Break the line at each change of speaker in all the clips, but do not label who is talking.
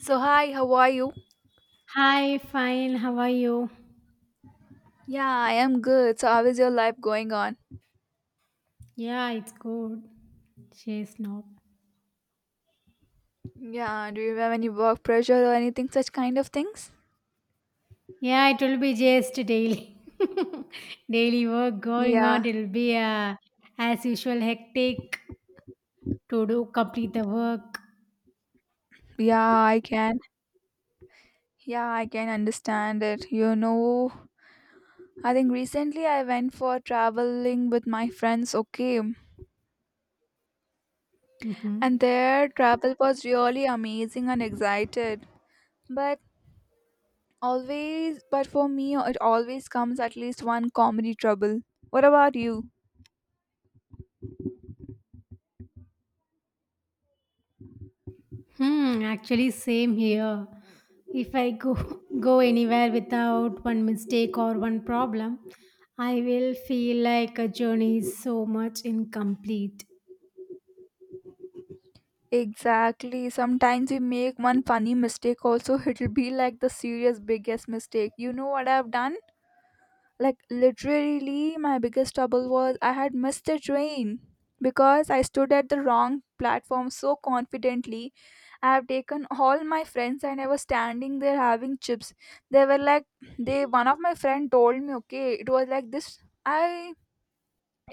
So, hi, how are you?
Hi, fine. How are you?
Yeah, I am good. So, how is your life going on?
Yeah, it's good. Just now.
Yeah, do you have any work pressure or anything, such kind of things?
Yeah, it will be just daily. Daily work going
Yeah,
on. It will be as usual hectic to do complete the work.
yeah, I can. Yeah, I can understand it. You know, I think recently I went for traveling with my friends, okay?
Hmm.
And their travel was really amazing and excited. But but for me, it always comes at least one comedy trouble. What about you?
Hmm, actually, same here. If I go go anywhere without one mistake or one problem, I will feel like a journey is so much incomplete.
Exactly. Sometimes we make one funny mistake also, it'll be like the serious biggest mistake. You know what I've done? Like literally my biggest trouble was I had missed the train because I stood at the wrong platform so confidently. I have taken all my friends and I was standing there having chips. They were like they one of my friend told me, okay, it was like this I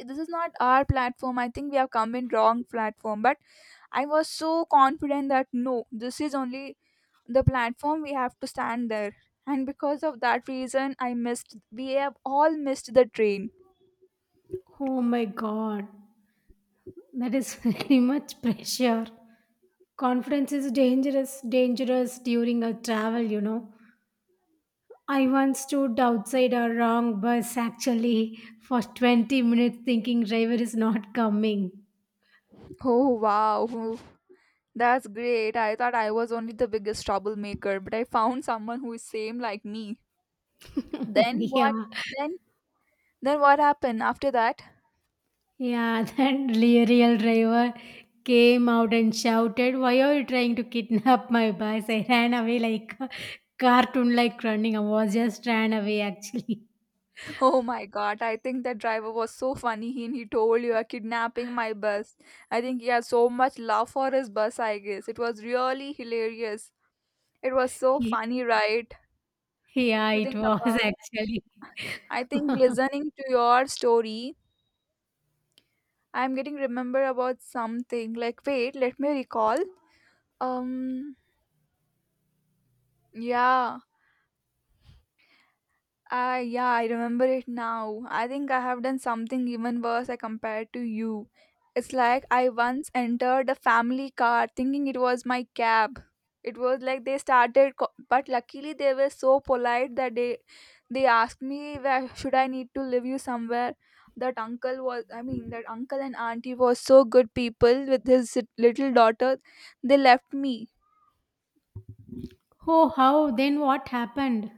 this is not our platform. I think we have come in wrong platform. But I was so confident that no, this is only the platform we have to stand there. And because of that reason, I missed, we have all missed the train.
Oh my god. That is very much pressure. Confidence is dangerous, dangerous during a travel. I once stood outside a wrong bus actually for 20 minutes thinking driver is not coming.
Oh wow, that's great. I thought I was only the biggest troublemaker, but I found someone who is same like me. Then
Yeah,
what? Then then what happened after that?
yeah, that real driver came out and shouted, "Why are you trying to kidnap my bus?" I ran away like a cartoon like running. I was just ran away actually.
Oh my god, I think the driver was so funny and he told you are kidnapping my bus. I think he has so much love for his bus, I guess. It was really hilarious. It was so funny, right?
Yeah,
To
it
think
was
about.
actually.
I think listening to your story, I'm getting remember about something. Like wait, let me recall. Um yeah. Ah, yeah, I remember it now. I think I have done something even worse I compared to you. It's like I once entered a family car thinking it was my cab. It was like they started, but luckily they were so polite that they asked me where should I need to leave you somewhere. That uncle was, I mean, that uncle and auntie was so good people with his little daughter. They left me.
Oh, how? Then what happened?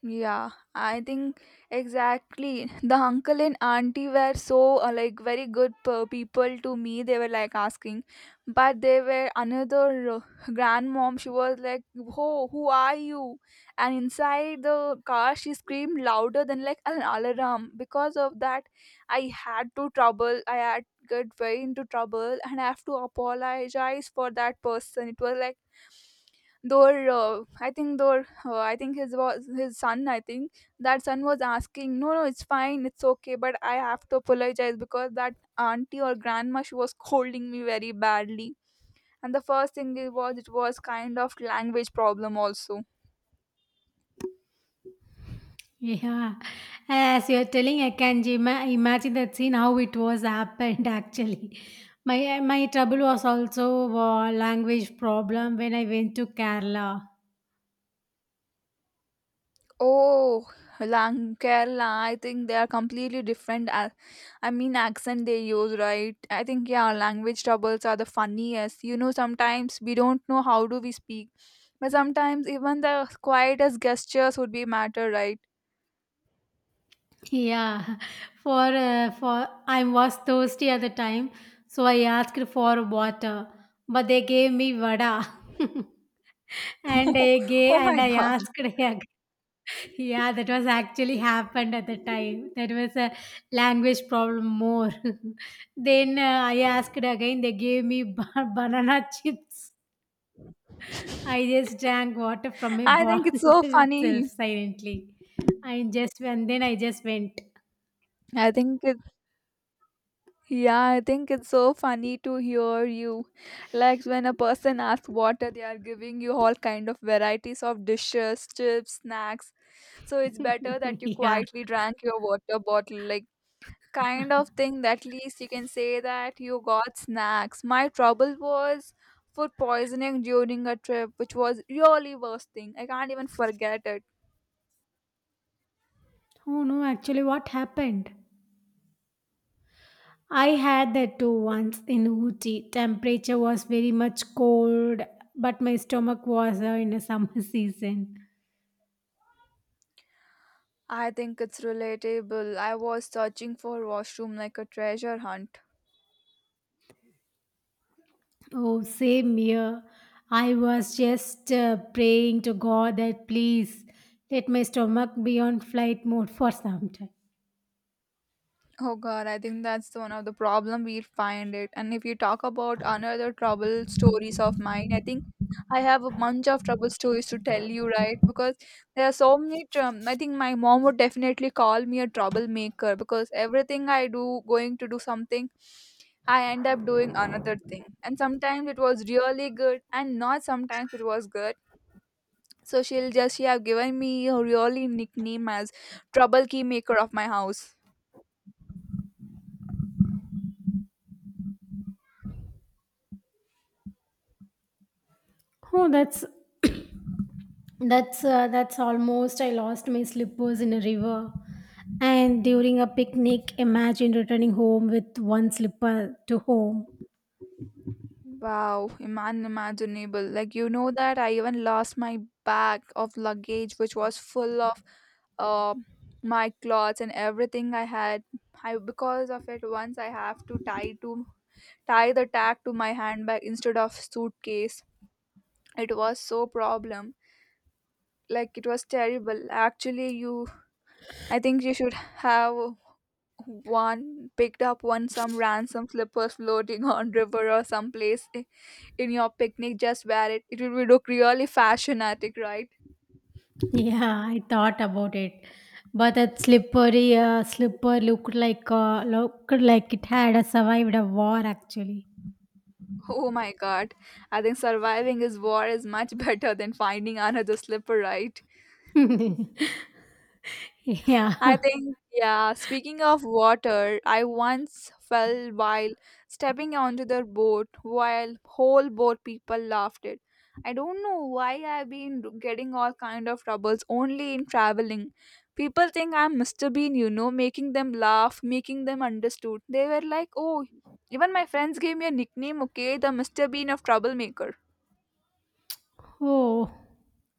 Yeah, I think exactly. The uncle and auntie were so like very good people to me. They were like asking, but they were another grandmom. She was like, "Who are you?" And inside the car, she screamed louder than like an alarm. Because of that, I had to trouble. I had get very into trouble, and I have to apologize for that person. It was like Though I think though I think his was his son. I think that son was asking, no, no, it's fine, it's okay, but I have to apologize because that auntie or grandma she was scolding me very badly. And the first thing it was kind of language problem also.
Yeah, as you're telling, I can imagine that scene how it was happened actually. My trouble was also language problem when I went to Kerala.
Oh, Lang Kerala, I think they are completely different. I mean, accent they use, right? I think, yeah, language troubles are the funniest. You know, sometimes we don't know how do we speak. But sometimes even the quietest gestures would be matter, right?
Yeah, for I was thirsty at the time, so I asked for water, but they gave me vada, and I gave
oh
and
my
I
god.
asked yeah, yeah that was actually happened at the time. That was a language problem more. Then I asked again, they gave me ba- banana chips. I just drank water from a
I think
bottle
it's so
itself
funny.
silently, I just and then I just went.
I think it's Yeah, I think it's so funny to hear you. Like when a person asks water, they are giving you all kind of varieties of dishes, chips, snacks. So it's better that you
Yeah.
quietly drank your water bottle. Like kind of thing that at least you can say that you got snacks. My trouble was food poisoning during a trip, which was really worst thing. I can't even forget it.
Oh no, actually, what happened? I had that too once in Uti. Temperature was very much cold, but my stomach was in a summer season.
I think it's relatable. I was searching for washroom like a treasure hunt.
Oh, same here. I was just praying to God that please let my stomach be on flight mode for some time.
Oh God, I think that's the one of the problem we find it. And if you talk about another trouble stories of mine, I think I have a bunch of trouble stories to tell you, right? Because there are so many. I think my mom would definitely call me a troublemaker because everything I do, going to do something, I end up doing another thing. And sometimes it was really good, and not sometimes it was good. So she have given me a really nickname as trouble key maker of my house.
Oh, that's almost I lost my slippers in a river. And during a picnic, imagine returning home with one slipper to home.
Wow, unimaginable. Like, you know that I even lost my bag of luggage, which was full of uh, my clothes and everything I had. I because of it, once I have to tie the tag to my handbag instead of suitcase. It was so problem. Like it was terrible. Actually, you, I think you should have one picked up one some ransom slippers floating on river or someplace in your picnic just wear it, it would look really fashionatic, right?
Yeah, I thought about it. But that slipper looked like it had survived a war actually.
Oh my god, I think surviving is war is much better than finding another slipper, right? I
yeah.
think, yeah, speaking of water, I once fell while stepping onto the boat while whole boat people laughed it. I don't know why I've been getting all kind of troubles only in traveling. People think I'm Mr. Bean, you know, making them laugh, making them understood. They were like, oh, even my friends gave me a nickname, okay, the Mr. Bean of troublemaker
Oh.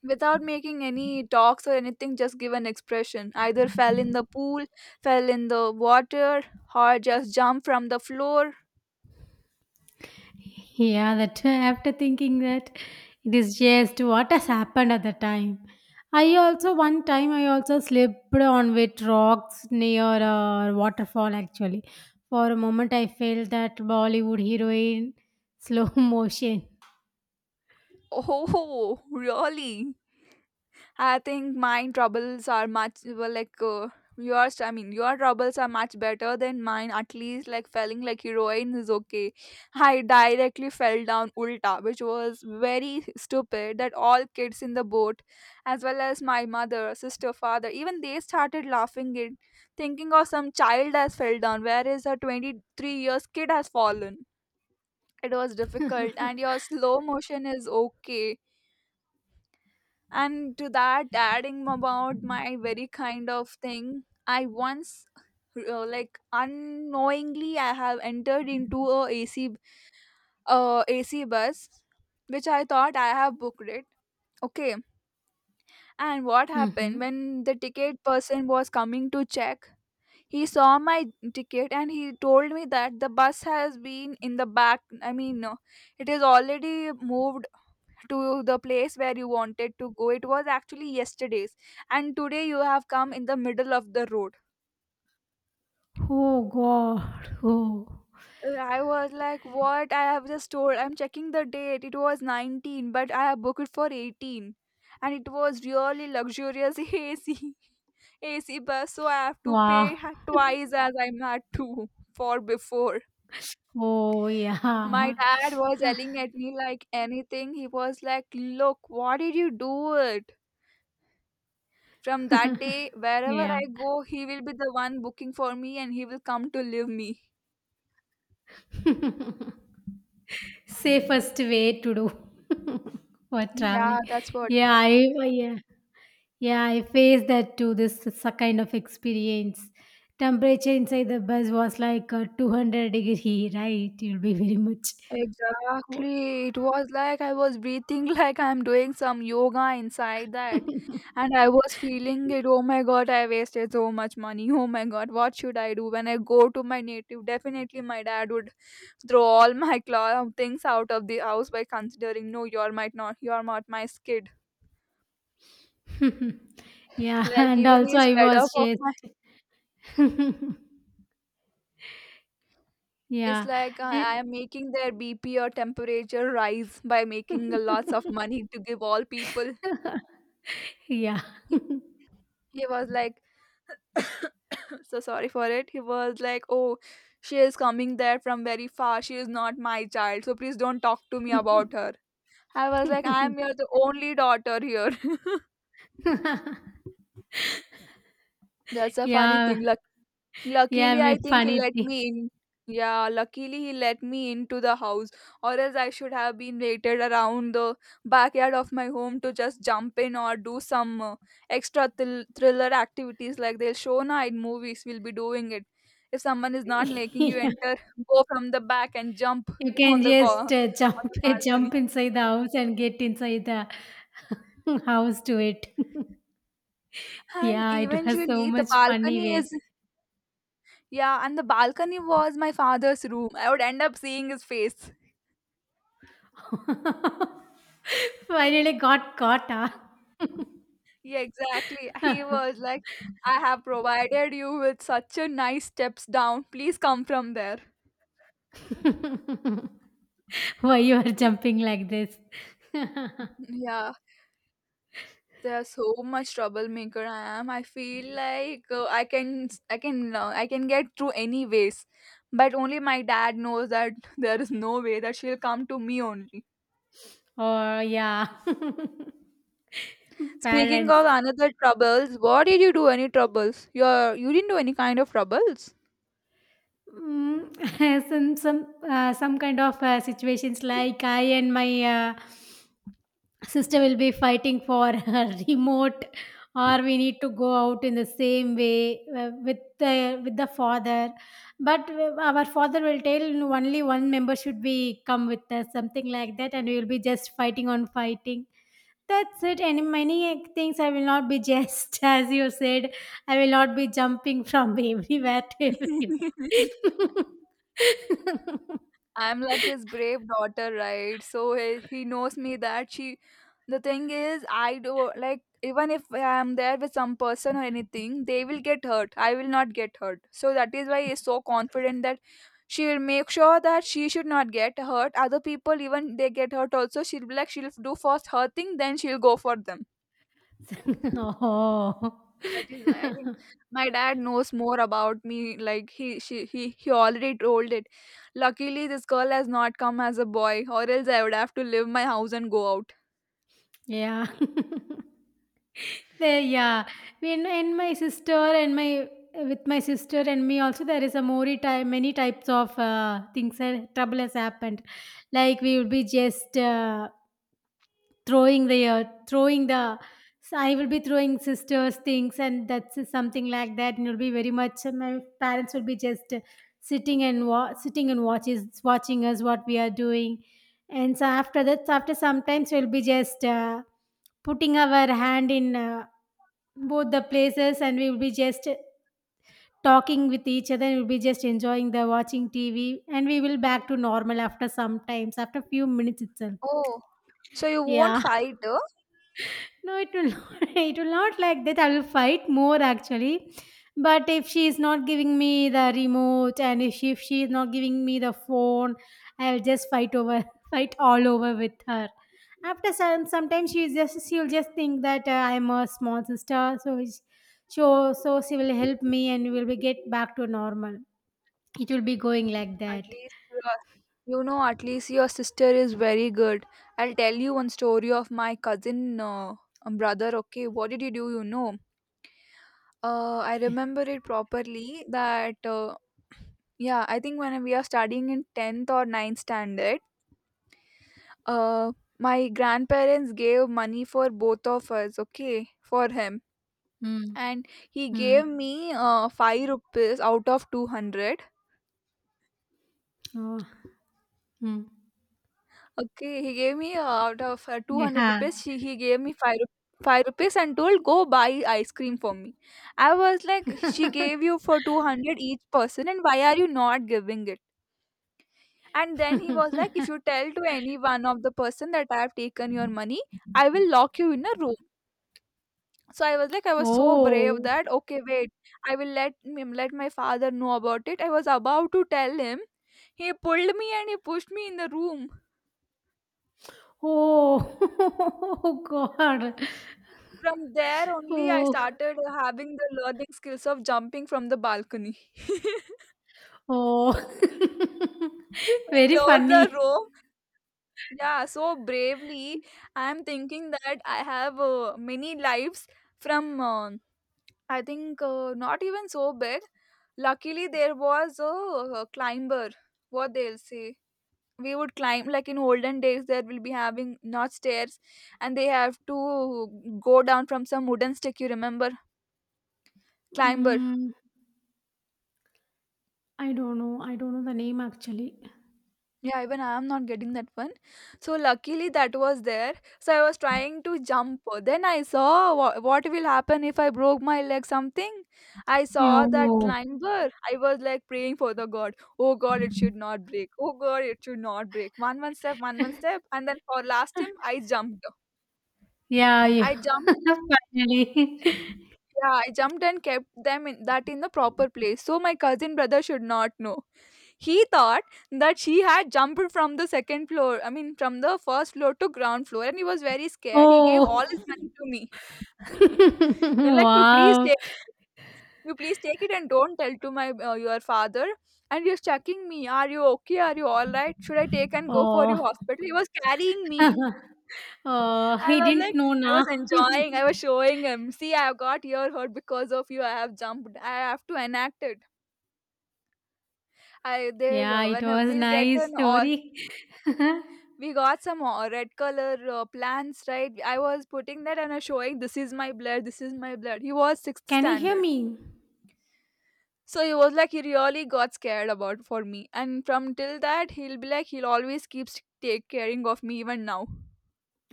without making any talks or anything just give an expression either fell in the pool, fell in the water, or just jumped from the floor.
Yeah, that after thinking that it is just what has happened at the time. I also one time I also slipped on wet rocks near a waterfall actually. For a moment I felt that Bollywood heroine slow motion.
Oh, really? I think mine troubles are much well, like yours. I mean, your troubles are much better than mine. At least, like falling like heroine is okay. I directly fell down ulta, which was very stupid. That all kids in the boat, as well as my mother, sister, father, even they started laughing it, thinking of some child has fell down, whereas a 23 years kid has fallen. It was difficult, and your slow motion is okay, and to that, adding about my very kind of thing, I once like unknowingly I have entered into a AC bus, which I thought I have booked it. Okay, and what happened
Hmm.
when the ticket person was coming to check? He saw my ticket and he told me that the bus has been in the back. I mean, no, it is already moved to the place where you wanted to go, it was actually yesterday's, and today you have come in the middle of the road.
Oh God! Oh
I was like what I have just told, I'm checking the date, it was 19 but I have booked it for 18, and it was really luxurious AC bus, so I have to pay
wow!
twice as I had to for before.
Oh
My
yeah!
dad was yelling at me like anything, he was like look what did you do it? From that day, wherever
yeah.
I go, he will be the one booking for me and he will come to live me.
Safest way to do for traveling.
Yeah, that's what.
Yeah, I yeah. Yeah, I faced that too. This is a kind of experience. Temperature inside the bus was like 200 degree, right? It will be very much cold.
Exactly. It was like I was breathing like I'm doing some yoga inside that. And I was feeling it. Oh my god, I wasted so much money. Oh my god, what should I do when I go to my native? Definitely, my dad would throw all my things out of the house by considering, no, you're might not, you're not my kid.
yeah,
Like
and
even
also
he's
I
fed
was
up of
just
my. It's
yeah,
like
and
I am making their BP or temperature rise by making a lots of money to give all people.
yeah.
He, he was like, so sorry for it. He was like, oh, she is coming there from very far. She is not my child. So please don't talk to me about her. I was like, I am your the only daughter here. That's a funny
Yeah,
thing. Like,
yeah,
luckily,
me
I think he
funny
let
thing.
me in. Yeah, luckily he let me into the house, or else I should have been waited around the backyard of my home to just jump in or do some extra thrill thriller activities like they'll show now in movies. We'll be doing it. If someone is not letting you
Yeah,
enter, go from the back and jump
you can
on the
just
on
jump
the balcony.
jump inside the house and get inside the house to it.
And
Yeah, it was so
eventually, the
much funny
balcony is
way.
yeah, and the balcony was my father's room. I would end up seeing his face.
Finally got caught, huh?
Yeah, exactly. He was like, I have provided you with such a nice steps down. Please come from there.
Why you are jumping like this?
Yeah, there's so much troublemaker I am. I feel like I can get through any ways. But only my dad knows that there is no way that she'll come to me only.
Or yeah,
Speaking
parents.
of another troubles, what did you do? Any troubles? Your, you didn't do any kind of troubles.
Mm, some kind of situations like I and my sister will be fighting for her remote, or we need to go out in the same way with the father. But our father will tell only one member should be come with us, something like that, and we will be just fighting on fighting. That's it. And many things I will not be just as you said. I will not be jumping from everywhere to everywhere.
I'm like this brave daughter, right? So he knows me that she. The thing is, I do like even if I'm there with some person or anything, they will get hurt. I will not get hurt. So that is why he's so confident that she will make sure that she should not get hurt. Other people, even they get hurt also. She'll be like she'll do first her thing, then she'll go for them.
oh.
That is why I think my dad knows more about me. Like he, she, he already told it. Luckily, this girl has not come as a boy, or else I would have to leave my house and go out.
Yeah. There, yeah. In my sister and my with my sister and me also there is a more type many types of things that trouble has happened. Like we would be just throwing the so I will be throwing sisters things and that's something like that and it'll be very much my parents will be just sitting and watches watching us what we are doing and so after that, so after sometimes we'll be just putting our hand in both the places and we will be just talking with each other and we'll be just enjoying the watching TV and we will back to normal after some times, after few minutes itself.
Oh, so you won't
Yeah.
fight, huh?
No, it will not, it will not like that. I will fight more actually. But if she is not giving me the remote and if she is not giving me the phone, I'll just fight over, fight all over with her. After some, sometimes she will just think that I'm a small sister, so she will help me and we will be get back to normal. It will be going like that.
At least you are. You know, at least your sister is very good. I'll tell you one story of my cousin brother. Okay, what did you do? You know, I remember it properly. That Yeah, I think when we are studying in tenth or ninth standard. Uh, my grandparents gave money for both of us, okay, for him.
Mm.
And he
Mm.
gave me 5 rupees out of 200.
Oh. Mm.
Okay, he gave me out of 200
Yeah.
rupees, she, he gave me 5 rupees. 5 rupees and told go buy ice cream for me. I was like she gave you for 200 each person and why are you not giving it. And then he was like if you tell to any one of the person that I have taken your money I will lock you in a room. So I was like, I was so brave
Oh,
that okay, wait, I will let him let my father know about it. I was about to tell him. He pulled me and he pushed me in the room.
oh, oh, God.
From there only, I
Oh,
started having the learning skills of jumping from the balcony. He
oh. Very
closed the
funny.
room. Yeah, so bravely. I am thinking that I have many lives from. I think not even so big. Luckily, there was a climber. What they'll say, we would climb like in olden days there will be having not stairs and they have to go down from some wooden stick, you remember, climber.
Mm, I don't know. I don't know the name actually.
Yeah, even I am not getting that one. So luckily that was there. So I was trying to jump, then I saw what will happen if I broke my leg something. I saw that
Yo!
climber, I was like praying for the god, oh god it should not break, oh god it should not break, one one step, one one step, and then for last time I jumped.
yeah, yeah.
I jumped.
Finally.
Yeah, I jumped and kept them in that in the proper place so my cousin brother should not know. He thought that she had jumped from the second floor, I mean from the first floor to ground floor, and he was very scared. He gave
Oh,
all his money to me. You're like you please
wow.
take, you please take it and don't tell to my your father. And he was checking me, are you okay, are you all right, should I take and go for
Oh,
your hospital, he was carrying me.
oh,
I
he
was
didn't
like,
know
I
na.
was enjoying. I was showing him. See, I have got your hurt because of you. I have jumped. I have to enact it. I there
Yeah, it
when
was
we'll get
nice
an or
story.
we got some red color plants, right? I was putting that and I was showing, this is my blood, this is my blood. He was sixth
Can you hear
standard,
me?
so he was like he really got scared about for me, and from till that he'll be like he'll always keeps take caring of me even now.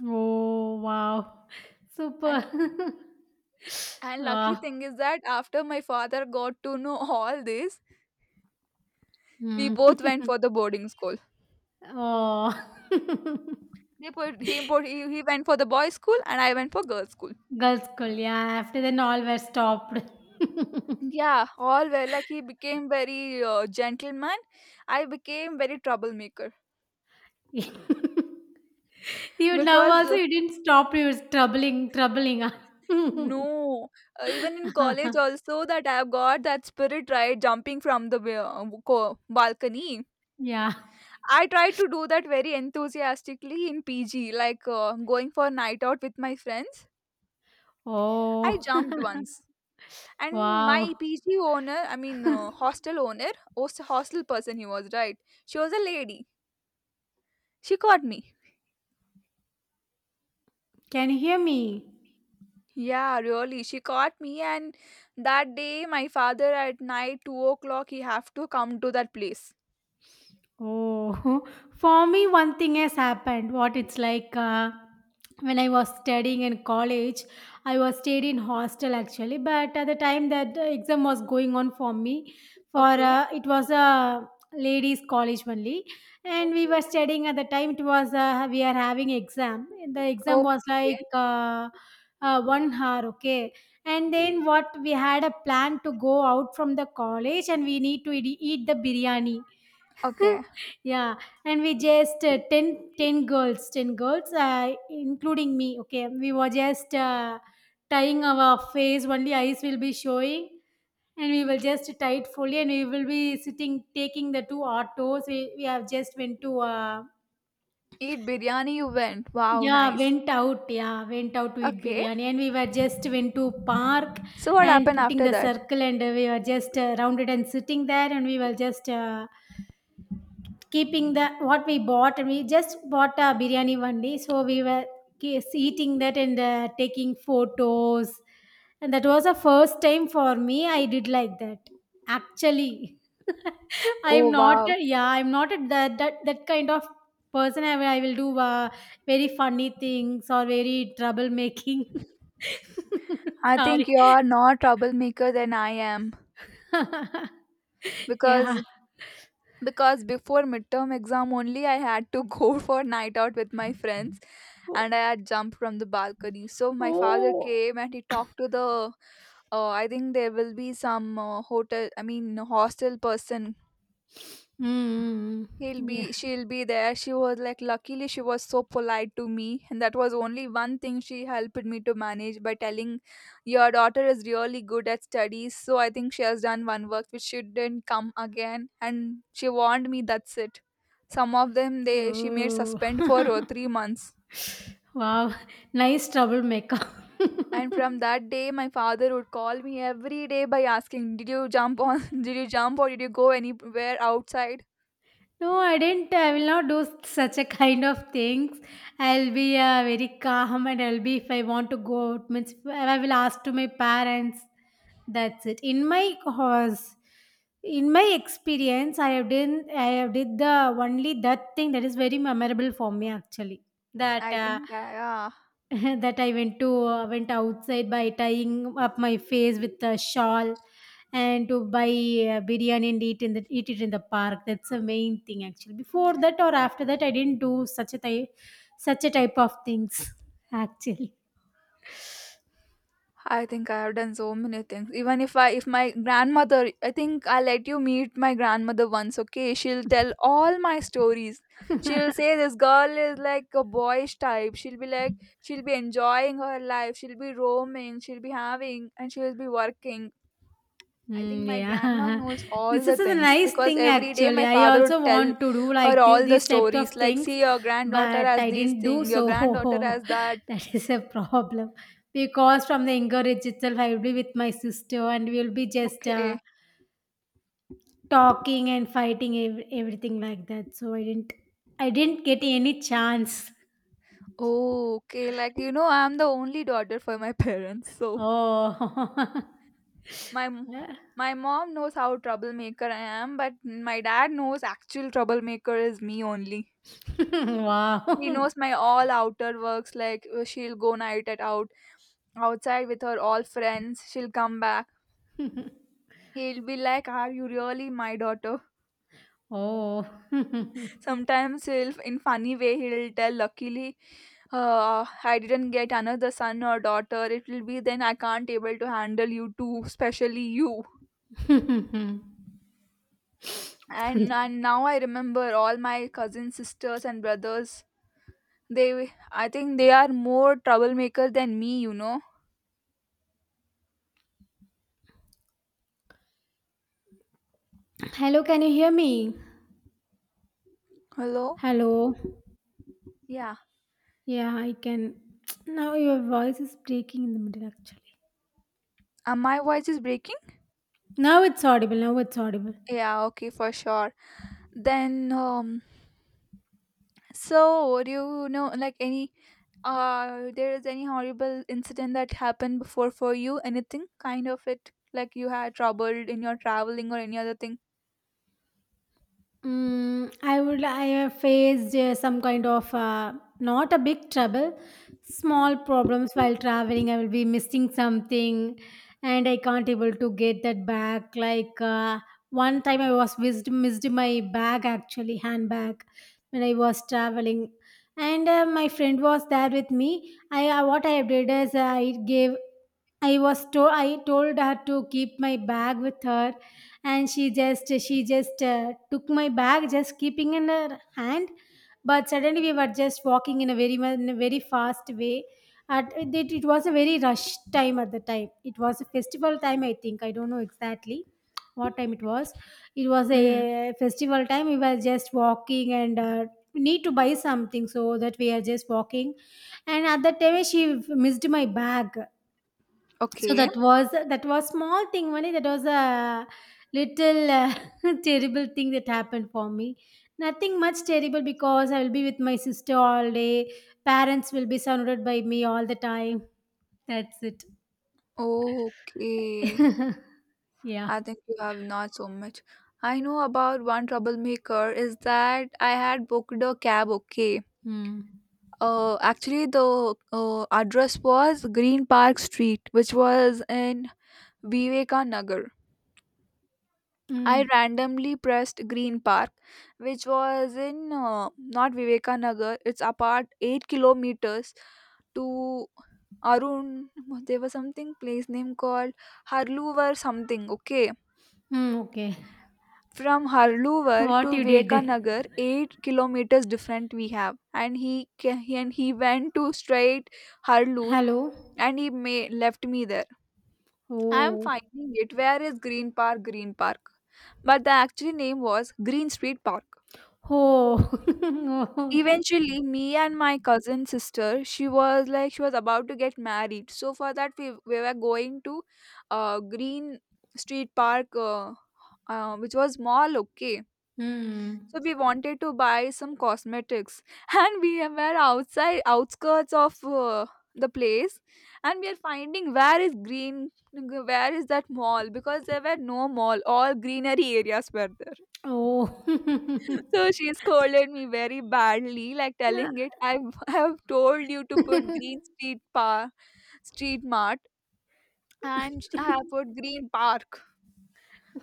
Oh, wow.
And
Super.
and lucky
wow.
thing is that after my father got to know all this, we
Mm.
both went for the boarding school.
oh.
They put he went for the boys' school and I went for girls' school.
Girls school, yeah. After then, all were stopped.
Yeah, all well. Like he became very gentleman. I became very troublemaker
you now
because
also, you didn't stop. You was troubling, troubling.
no, even in college also that I've got that spirit right, jumping from the balcony.
yeah.
I tried to do that very enthusiastically in PG, like going for night out with my friends. I
Oh,
jumped once, and my
wow.
PG owner, I mean hostel owner, hostel person, he was right. She was a lady. She caught me.
Can you hear me?
Yeah, really. She caught me, and that day, my father at night 2 o'clock, he have to come to that place.
Oh, for me, one thing has happened. What it's like when I was studying in college, I was stayed in hostel actually. But at the time that the exam was going on for me, for
Okay.
it was a ladies' college only, and we were
Okay.
studying at the time. It was we are having exam. The
Oh,
exam was like
okay.
one hour, okay. And then what we had a plan to go out from the college, and we need to eat the biryani
Okay.
yeah and we just 10 ten girls 10 girls including me okay we were just tying our face only eyes will be showing and we will just tie it fully and we will be sitting taking the two autos we have just went to
Eat biryani. You went. Wow,
yeah
nice.
went out to eat
Okay.
biryani and we were just went to park
So what
and
happened
putting
after
the
that?
circle and we were just rounded and sitting there and we were just keeping the what we bought and we just bought a biryani one day so we were eating that and taking photos and that was the first time for me I did like that actually I'm
Oh
not
wow.
a- yeah I'm not a, that, that that kind of person I will do very funny things or very troublemaking
I
sorry
think you're not troublemaker than I am,
yeah
because because before midterm exam only I had to go for night out with my friends and I had jumped from the balcony. So my father
oh oh.
came and he talked to the. I think there will be some hotel. I mean hostel person.
Mm,
He'll
mm, yeah.
be. She'll be there. She was like. Luckily, she was so polite to me, and that was only one thing she helped me to manage by telling, "Your daughter is really good at studies, so I think she has done one work which shouldn't come again." And she warned me. That's it. Some of them, they she made
Oh.
suspend for 3 months.
wow. Nice troublemaker.
And from that day, my father would call me every day by asking, "Did you jump on? Did you jump or did you go anywhere outside?"
no, I didn't. I will not do such a kind of things. I'll be very calm and I'll be, if I want to go out, means I will ask to my parents. That's it. In my experience, I have did the only that thing that is very memorable for me actually. That
Yeah,
that I went outside by tying up my face with a shawl and to buy biryani and eat it in the park. That's the main thing actually. Before that or after that, I didn't do such a type of things actually.
I think I have done so many things. Even if I, if my grandmother, I think I will let you meet my grandmother once. Okay, she'll tell all my stories. She'll say this girl is like a boyish type. She'll be like, she'll be enjoying her life. She'll be roaming. She'll be having, and she'll be working. I think
Mm,
my grandma
yeah,
knows all
this is
the
a
things
nice
because
thing
every day
actually.
my
I
father would
also
tell
want to do
her
like
all the
these types
stories
of
like,
things,
see, your granddaughter
but
has
I
these
didn't do
thing, your
so.
granddaughter has that.
that is a problem because from the encourage itself, I will be with my sister and we'll be just
Okay.
talking and fighting everything like that. So I didn't get any chance.
Oh, okay. Like, you know, I'm the only daughter for my parents. So
Oh,
my, m-
Yeah.
my mom knows how troublemaker I am, but my dad knows actual troublemaker is me only. He
wow.
knows my all outer works, like she'll go night at out outside with her all friends, she'll come back. He'll be like, are you really my daughter?
oh.
Sometimes he'll, in funny way, he'll tell, luckily, I didn't get another son or daughter. It will be then I can't able to handle you too, especially you. And, and now I remember all my cousins, sisters, and brothers. They, I think they are more troublemaker than me, you know.
Hello, can you hear me?
Hello?
Hello.
Yeah.
Yeah, I can. Now your voice is breaking in the middle actually.
My voice is breaking?
Now it's audible. Now it's audible.
Yeah, okay, for sure. Then, so, do you know like any there is any horrible incident that happened before for you? Anything kind of it like you had trouble in your traveling or any other thing?
Mm, I have faced some kind of not a big trouble, small problems while traveling. I will be missing something, and I can't able to get that back. Like one time, I was missed my bag actually handbag when I was traveling, and my friend was there with me. I what I did is I gave I was told I told her to keep my bag with her, and she just took my bag, just keeping in her hand. But suddenly we were just walking in in a very fast way. It was a very rush time at the time. It was a festival time, I think. I don't know exactly what time it was. It was
Hmm.
a festival time. We were just walking and need to buy something, so that we are just walking. And at that time, she missed my bag, so
Okay.
that was small thing only. That was a little terrible thing that happened for me. Nothing much terrible because I will be with my sister all day. Parents will be surrounded by me all the time. That's it.
Okay.
Yeah.
I think you have not so much. I know about one troublemaker is that I had booked a cab, okay.
Mm.
Actually, the address was Green Park Street, which was in Vivekanagar. I
Mm.
randomly pressed Green Park, which was in not Vivekananda. It's apart 8 kilometers to Arun. There was something place name called Harluvar something. Okay,
Mm, okay.
from Harluvar
What
to
you did?
Vivekananda, 8 kilometers different we have, and he he and he went to straight Harlur,
Hello.
and he may left me there. I am
Oh.
finding it. Where is Green Park? Green Park, but the actual name was Green Street Park.
Oh. Oh.
Eventually, me and my cousin sister, she was like she was about to get married. So for that, we were going to Green Street Park, which was mall. Okay,
Mm.
so we wanted to buy some cosmetics, and we were outside outskirts of the place, and we are finding where is Green, where is that mall because there were no mall. All greenery areas were there.
Oh.
So she scolded me very badly, like
Yeah.
telling it, I have told you to put green street par street mart and I have put green park.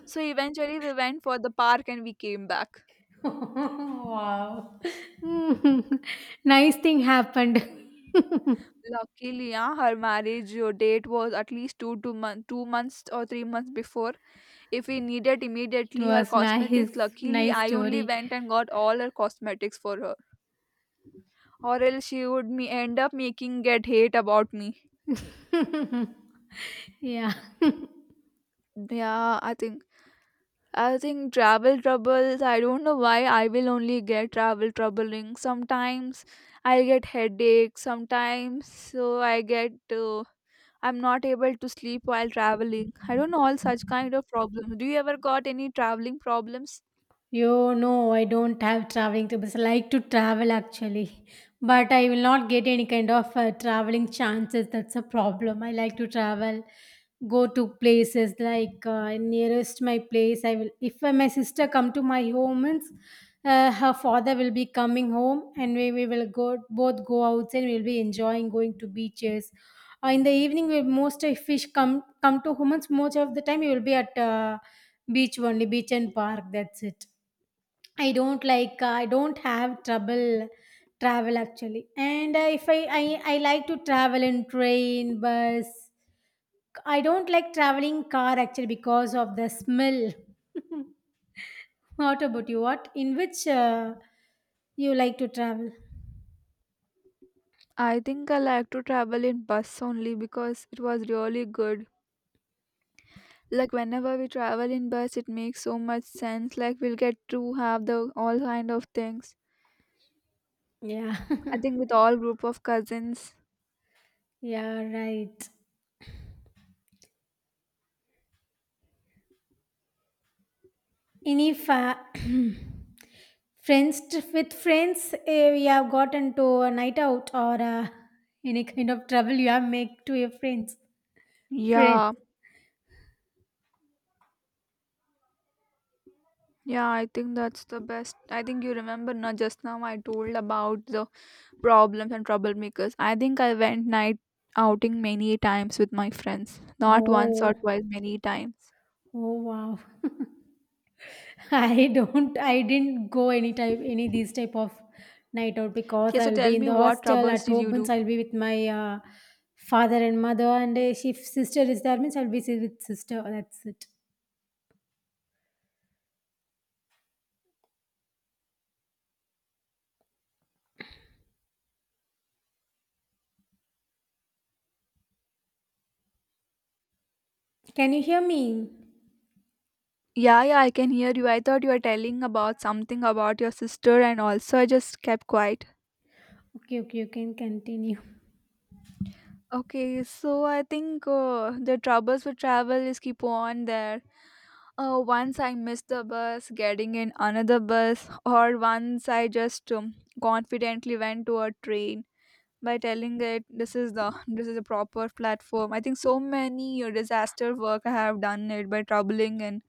So eventually we went for the park and we came back.
Wow. Nice thing happened. It
Luckily, yeah, her marriage date was at least two two month 2 months or 3 months before. If we needed immediately her
was
cosmetics,
nice.
luckily
Nice
I only
story.
went and got all her cosmetics for her. Or else she would me end up making get hate about me.
Yeah.
Yeah, I think travel troubles, I don't know why I will only get travel troubling. Sometimes I'll get headache, sometimes so I get I'm not able to sleep while traveling. I don't know all such kind of problems. Do you ever got any traveling problems?
I don't have traveling tips. I like to travel actually, but I will not get any kind of traveling chances. That's a problem. I like to travel, go to places like nearest my place. I will if my sister come to my home, means, her father will be coming home, and we will go both go outside. We'll be enjoying going to beaches. In the evening, we most fish come come to home. Means most of the time, you will be at beach only, beach and park. That's it. I don't like I don't have trouble travel actually. And uh, if I like to travel in train, bus. I don't like traveling car actually because of the smell. What about you? What in which you like to travel?
I think I like to travel in bus only because it was really good. Like whenever we travel in bus it makes so much sense like we'll get to have the all kind of things.
Yeah.
I think with all group of cousins.
Yeah, right. And if friends with friends eh, we have gotten to a night out or any kind of trouble you have make to your friends. Friends.
Yeah. Yeah, I think that's the best. I think you remember now just now I told about the problems and troublemakers. I think I went night outing many times with my friends. Not once or
Oh.
twice, many times.
Oh wow. I didn't go any type any these type of night out because
Okay, so
I'll be
tell
in
me
the
what
hostel
troubles
at
did
home
you
means
do?
I'll be with my father and mother and if sister is there means I'll be si- with sister, that's it. Can you hear me?
Yeah, yeah, I can hear you. I thought you were telling about something about your sister and also I just kept quiet.
Okay, okay, you can continue.
Okay, so I think the troubles with travel is keep on there. Once I missed the bus, getting in another bus, or once I just confidently went to a train by telling it this is a proper platform. I think so many disaster work I have done it by troubling and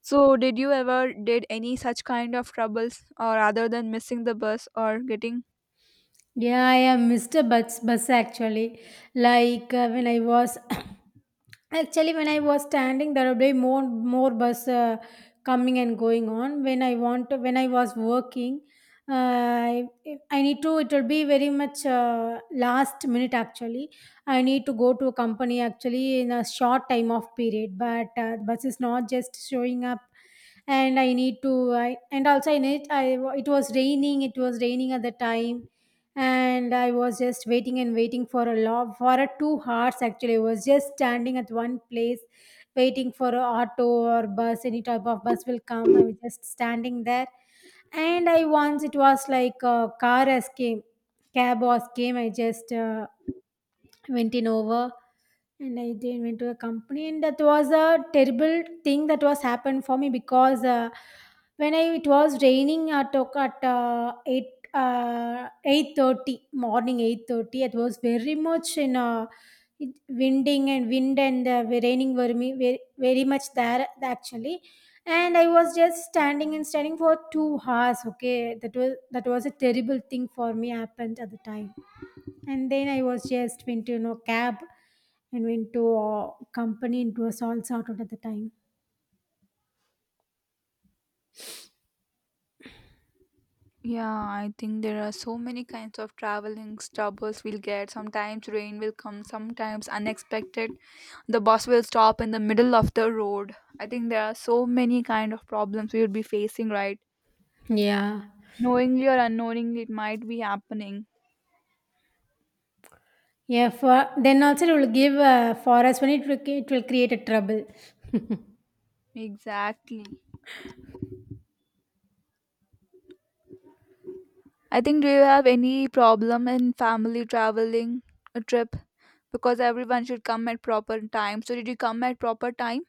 so did you ever did any such kind of troubles or other than missing the bus or getting
Yeah, I am Mr. Bus actually. Like when I was actually, when I was standing, there will be more bus coming and going on. When I want, to, when I was working, uh, I need to. It will be very much last minute. Actually, I need to go to a company actually in a short time of period. But bus is not just showing up, and I need to. I, and also, I need. I, it was raining. It was raining at the time, and I was just waiting and waiting for a lot for a 2 hours. Actually, I was just standing at one place waiting for a auto or bus, any type of bus will come. I was just standing there, and I once it was like a car as came, cab was came. I just went in over, and I then went to a company, and that was a terrible thing that was happened for me because when I, it was raining at o- at eight uh, 8:30 morning, 8:30. It was very much in a it- winding and wind and raining were me very, very much there actually, and I was just standing and standing for 2 hours. Okay, that was a terrible thing for me, happened at the time. And then I was just went to cab and went to company. It was all sorted at the time.
yeah, I think there are so many kinds of traveling troubles we'll get. Sometimes rain will come, sometimes unexpected the bus will stop in the middle of the road. I think there are so many kind of problems we would be facing, right?
Yeah.
Knowingly or unknowingly it might be happening.
Yeah, for then also it will give for us when it will create a trouble.
Exactly. I think do you have any problem in family traveling a trip, because everyone should come at proper time? So did you come at proper time?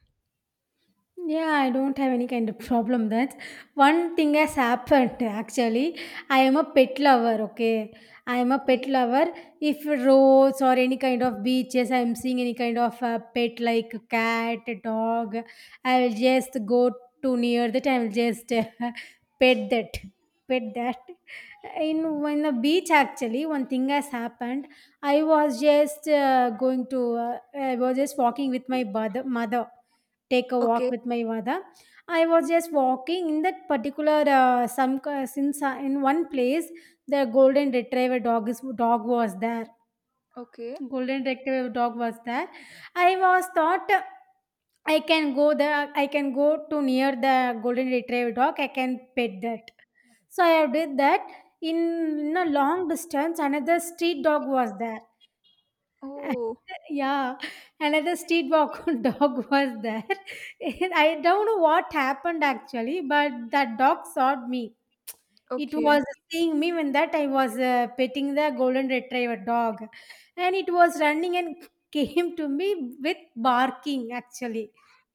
Yeah, I don't have any kind of problem. That's one thing has happened actually. I am a pet lover, okay? I am a pet
Okay.
lover. If roads or any kind of beaches, I am seeing any kind of pet like cat, dog, I will just go to near that. I will just pet that. Pet that. In when the beach actually, one thing has happened. I was just going to. I was just walking with my mother. Mother take a walk
Okay.
with my mother. I was just walking in that particular some since in one place the golden retriever dog is dog was there.
Okay.
Golden retriever dog was there. I was thought I can go there. I can go to near the golden retriever dog. I can pet that. So I did that. In, in a long distance, another street dog was there.
Oh.
Yeah, another street walk dog was there. I don't know what happened actually, but that dog saw me. It
Okay.
was seeing me when that I was petting the golden retriever dog, and it was running and came to me with barking. Actually,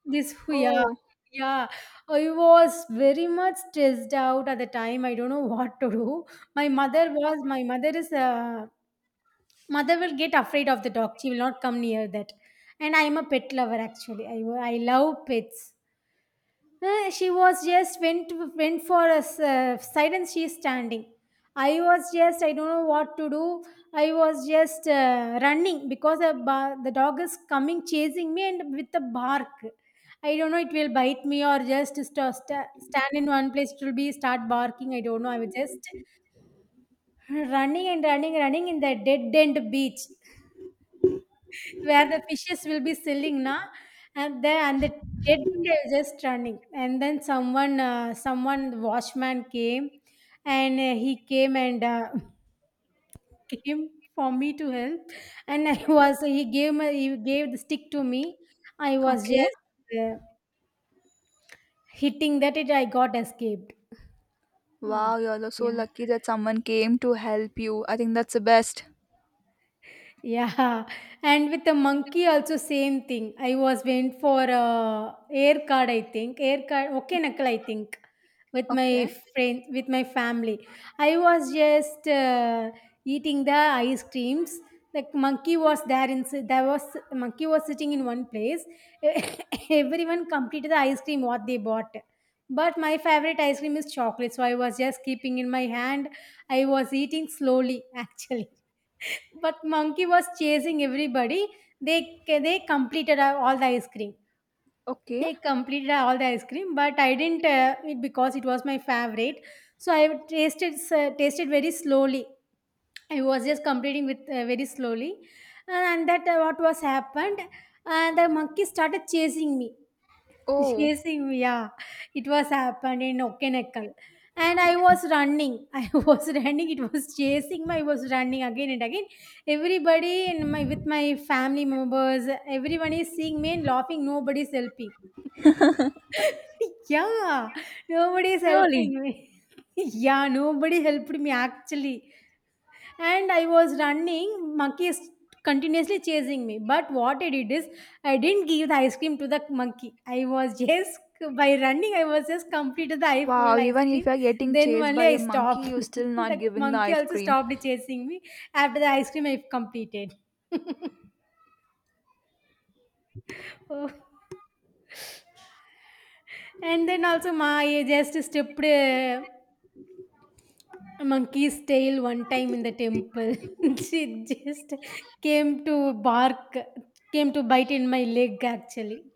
this yeah,
Oh.
yeah, I was very much stressed out at the time. I don't know what to do. My mother was. My mother is mother will get afraid of the dog, she will not come near that, and I am a pet lover actually, I love pets. She was just went for a s- side and she is standing. I was just, I don't know what to do. I was just running because the, ba- the dog is coming chasing me and with a bark. I don't know it will bite me or just stand in one place it will be start barking. I don't know, I was just running and running, running in the dead end beach where the fishes will be selling na, and the dead end are just running. And then someone someone, the watchman came, and he came and came for me to help. And I was, he gave the stick to me. I was
Okay.
just hitting that, it I got escaped. Oh,
Wow, you're so
yeah.
lucky that someone came to help you. I think that's the best.
Yeah, and with the monkey also same thing. I was went for air card, I think air card. Okay, knuckle, I think, with my
Okay.
friend, with my family. I was just eating the ice creams. The monkey was there, in there was monkey was sitting in one place. Everyone completed the ice cream what they bought. But my favorite ice cream is chocolate, so I was just keeping in my hand. I was eating slowly actually. But monkey was chasing everybody. They completed all the ice cream.
Okay.
They completed all the ice cream, but I didn't it because it was my favorite. So I tasted very slowly. I was just completing with very slowly, and that what was happened. And the monkey started chasing me.
Oh.
Chasing me, yeah. It was happened in Okenekkal. And I was running. I was running. It was chasing me. I was running again and again. Everybody in my with my family members, everyone is seeing me and laughing. Nobody's helping. Yeah. Nobody's
Really?
helping me. Yeah, nobody helped me actually, and I was running, monkey is continuously chasing me. But what I did is I didn't give the ice cream to the monkey. I was just by running, I was just completed the eye full
Wow,
ice
even
cream.
if you're getting
Then
chased
only
by
I
a monkey,
stopped.
you're still not
The
giving the
monkey
ice
also
cream.
stopped chasing me after the ice cream I completed. Oh. And then also my I just stepped a monkey's tail one time in the temple. She just came to bark, came to bite in my leg actually.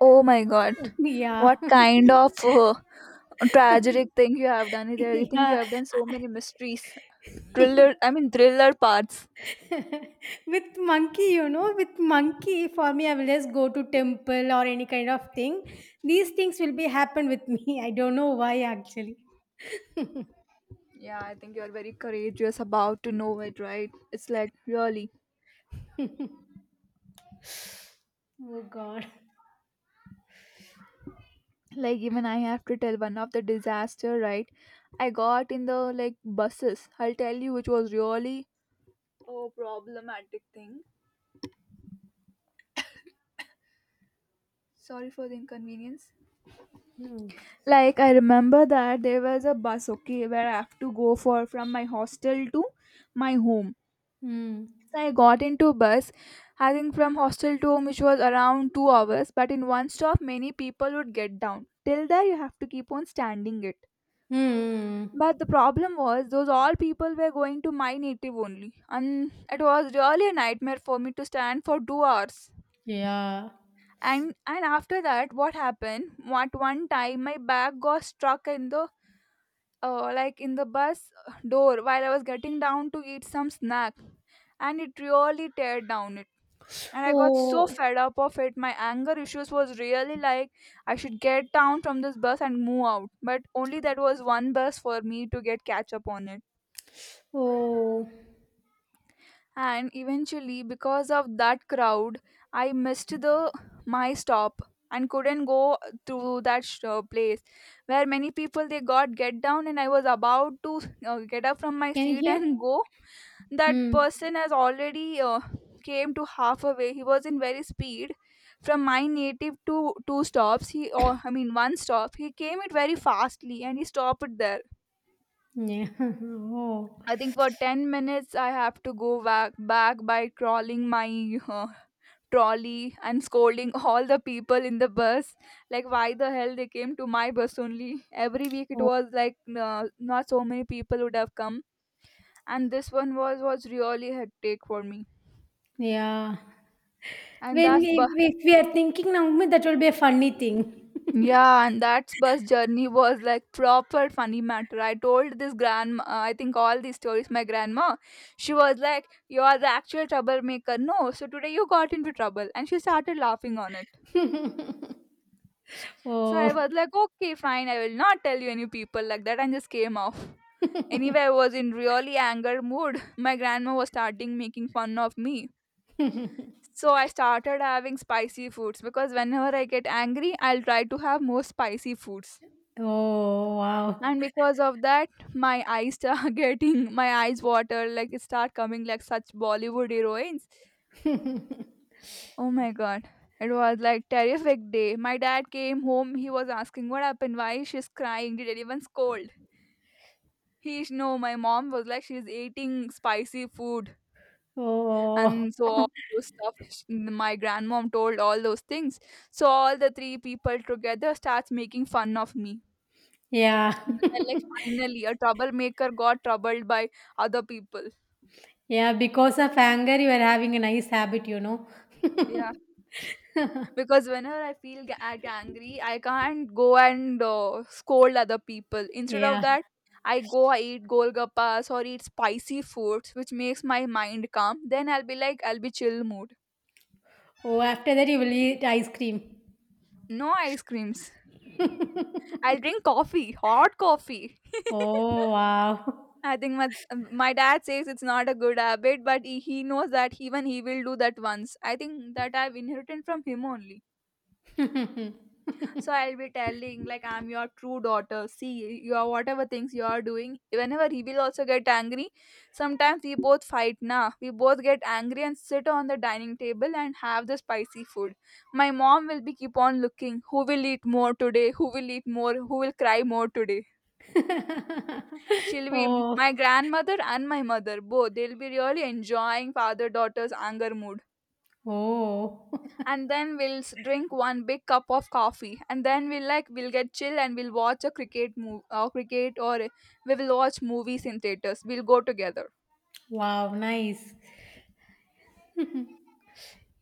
Oh my god.
Yeah.
What kind of tragic thing you have done there? You think you
Yeah.
have done so many mysteries, thriller, I mean, thriller parts.
With monkey, with monkey, for me I will just go to temple or any kind of thing, these things will be happen with me. I don't know why actually.
Yeah, I think you're very courageous about to know it, right? It's like really,
Oh god.
like even I have to tell one of the disaster, right? I got in the like buses. I'll tell you which was really oh problematic thing. Sorry for the inconvenience.
No.
Like I remember that there was a bus, okay, where I have to go for from my hostel to my home.
Mm.
So I got into a bus, I think from hostel to home, which was around 2 hours, but in one stop many people would get down. Till there you have to keep on standing it,
Mm.
but the problem was those all people were going to my native only, and it was really a nightmare for me to stand for 2 hours.
Yeah.
And after that what happened, what, one time my bag got stuck in the like in the bus door while I was getting down to eat some snack, and it really teared down it. And I got so
Oh.
fed up of it. My anger issues was really like I should get down from this bus and move out. But only that was one bus for me to get catch up on it.
Oh.
And eventually, because of that crowd, I missed the my stop and couldn't go through that place where many people they got get down. And I was about to get up from my
Can you
seat
hear?
and go. That
Mm.
person has already came to half a he was in very speed. From my native to two stops he, or I mean one stop, he came it very fastly and he stopped it there.
Yeah.
I think for 10 minutes I have to go back back by crawling my uh, trolley and scolding all the people in the bus like why the hell they came to my bus only. Every week it
Oh. Oh.
was like not so many people would have come, and this one was really hectic for me.
Yeah.
And
When
that's
we
bus.
if we are thinking now, Umid, that will be a funny thing.
Yeah, and that bus journey was like proper funny matter. I told this grandma, I think all these stories, my grandma. She was like, "You are the actual troublemaker. No, so today you got into trouble." And she started laughing on it. So
Oh.
I was like, "Okay, fine, I will not tell you any people like that." And just came off. Anyway, I was in really anger mood. My grandma was starting making fun of me. So I started having spicy foods because whenever I get angry, I'll try to have more spicy foods.
Oh. Wow.
And because of that, my eyes start getting, my eyes water, like it start coming like such bollywood heroines. Oh my god. It was like terrific day. My dad came home, he was asking what happened, why she's crying, did anyone scold he. No, my mom was like she's eating spicy food.
Oh.
And so all those stuff my grandmom told all those things. So all the three people together starts making fun of me.
Yeah.
Then, like finally a troublemaker got troubled by other people.
Yeah. Because of anger, you are having a nice habit,
Yeah, because whenever I feel angry, I can't go and scold other people. Instead of
Yeah.
that, I eat golgappas or eat spicy foods which makes my mind calm. Then I'll be like, I'll be chill mood.
Oh, after that you will eat ice cream.
No ice creams. I'll drink coffee, hot coffee.
Oh, wow.
I think my dad says it's not a good habit, but he knows that even he will do that once. I think that I've inherited from him only. So I'll be telling like I'm your true daughter. See your whatever things you are doing. Whenever he will also get angry, sometimes we both fight now. We both get angry and sit on the dining table and have the spicy food. My mom will be keep on looking. Who will eat more today? Who will eat more? Who will cry more today? She'll be,
Oh,
my grandmother and my mother both. They'll be really enjoying father daughter's anger mood.
oh.
And then we'll drink one big cup of coffee, and then we'll like we'll get chill and we'll watch a cricket move or cricket or we will watch movies in theaters, we'll go together.
Wow, nice.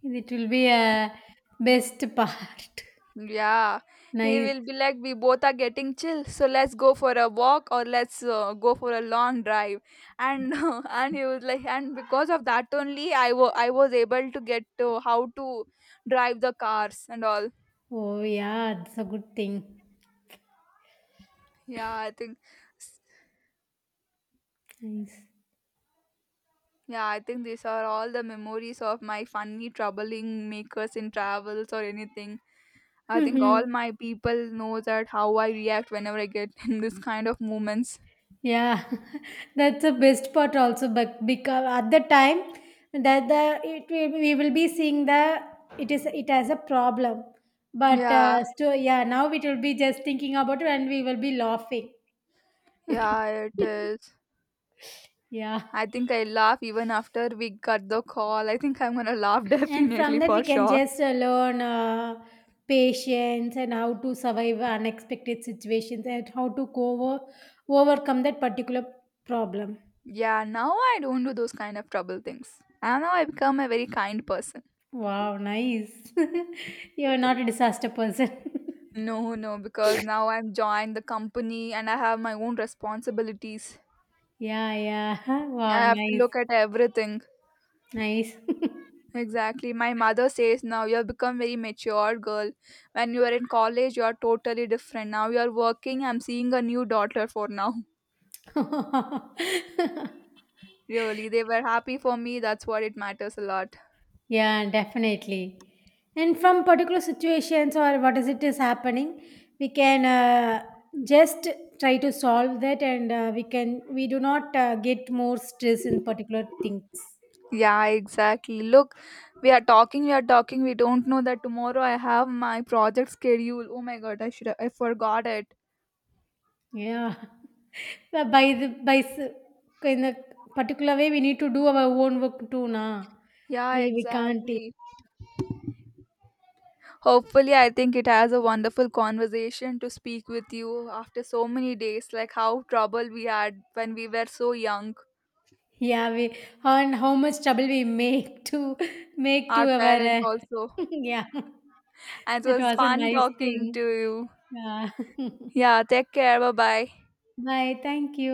It will be a best part.
Yeah, he
Nice.
will be like we both are getting chill, so let's go for a walk or let's go for a long drive. And And he was like, and because of that only I was able to get to how to drive the cars and all.
Oh, yeah, it's a good thing.
Yeah, I think
Nice.
yeah, I think these are all the memories of my funny troubling makers in travels or anything. I think all my people know that how I react whenever I get in this kind of moments.
Yeah, that's the best part also. But because at the time that the it will- we will be seeing the it is it has a problem, but
Yeah,
still yeah now it will be just thinking about it and we will be laughing.
yeah, it is.
Yeah,
I think I laugh even after we cut the call. I think I'm gonna laugh
and from
definitely
that we
for
can
sure.
just learn patience and how to survive unexpected situations and how to go over, overcome that particular problem.
Yeah, now I don't do those kind of trouble things. And now I become a very kind person.
Wow, nice. You're not a disaster person.
No, no, because now I'm joined the company and I have my own responsibilities.
Yeah, yeah.
I
Wow,
have to
nice.
look at everything.
Nice.
Exactly. My mother says now you have become very mature girl. When you were in college, you are totally different. Now you are working. I'm seeing a new daughter for now. Really, they were happy for me. That's what it matters a lot.
Yeah, definitely. And from particular situations or what is it is happening, we can just try to solve that, and we can, we do not get more stress in particular things.
Yeah, exactly. Look, we are talking. We don't know that tomorrow I have my project schedule. Oh my god, I forgot it.
Yeah. But by the by s- in a particular way we need to do our own work too na,
Yeah,
we can't.
exactly. Hopefully, I think it has a wonderful conversation to speak with you after so many days, like how trouble we had when we were so young,
Yeah we, and how much trouble we make to make to
our
our
parents also.
yeah
And it
that
was
was a
fun
nice
talking
thing.
to you.
Yeah.
Yeah, take care. Bye bye.
Bye, thank you.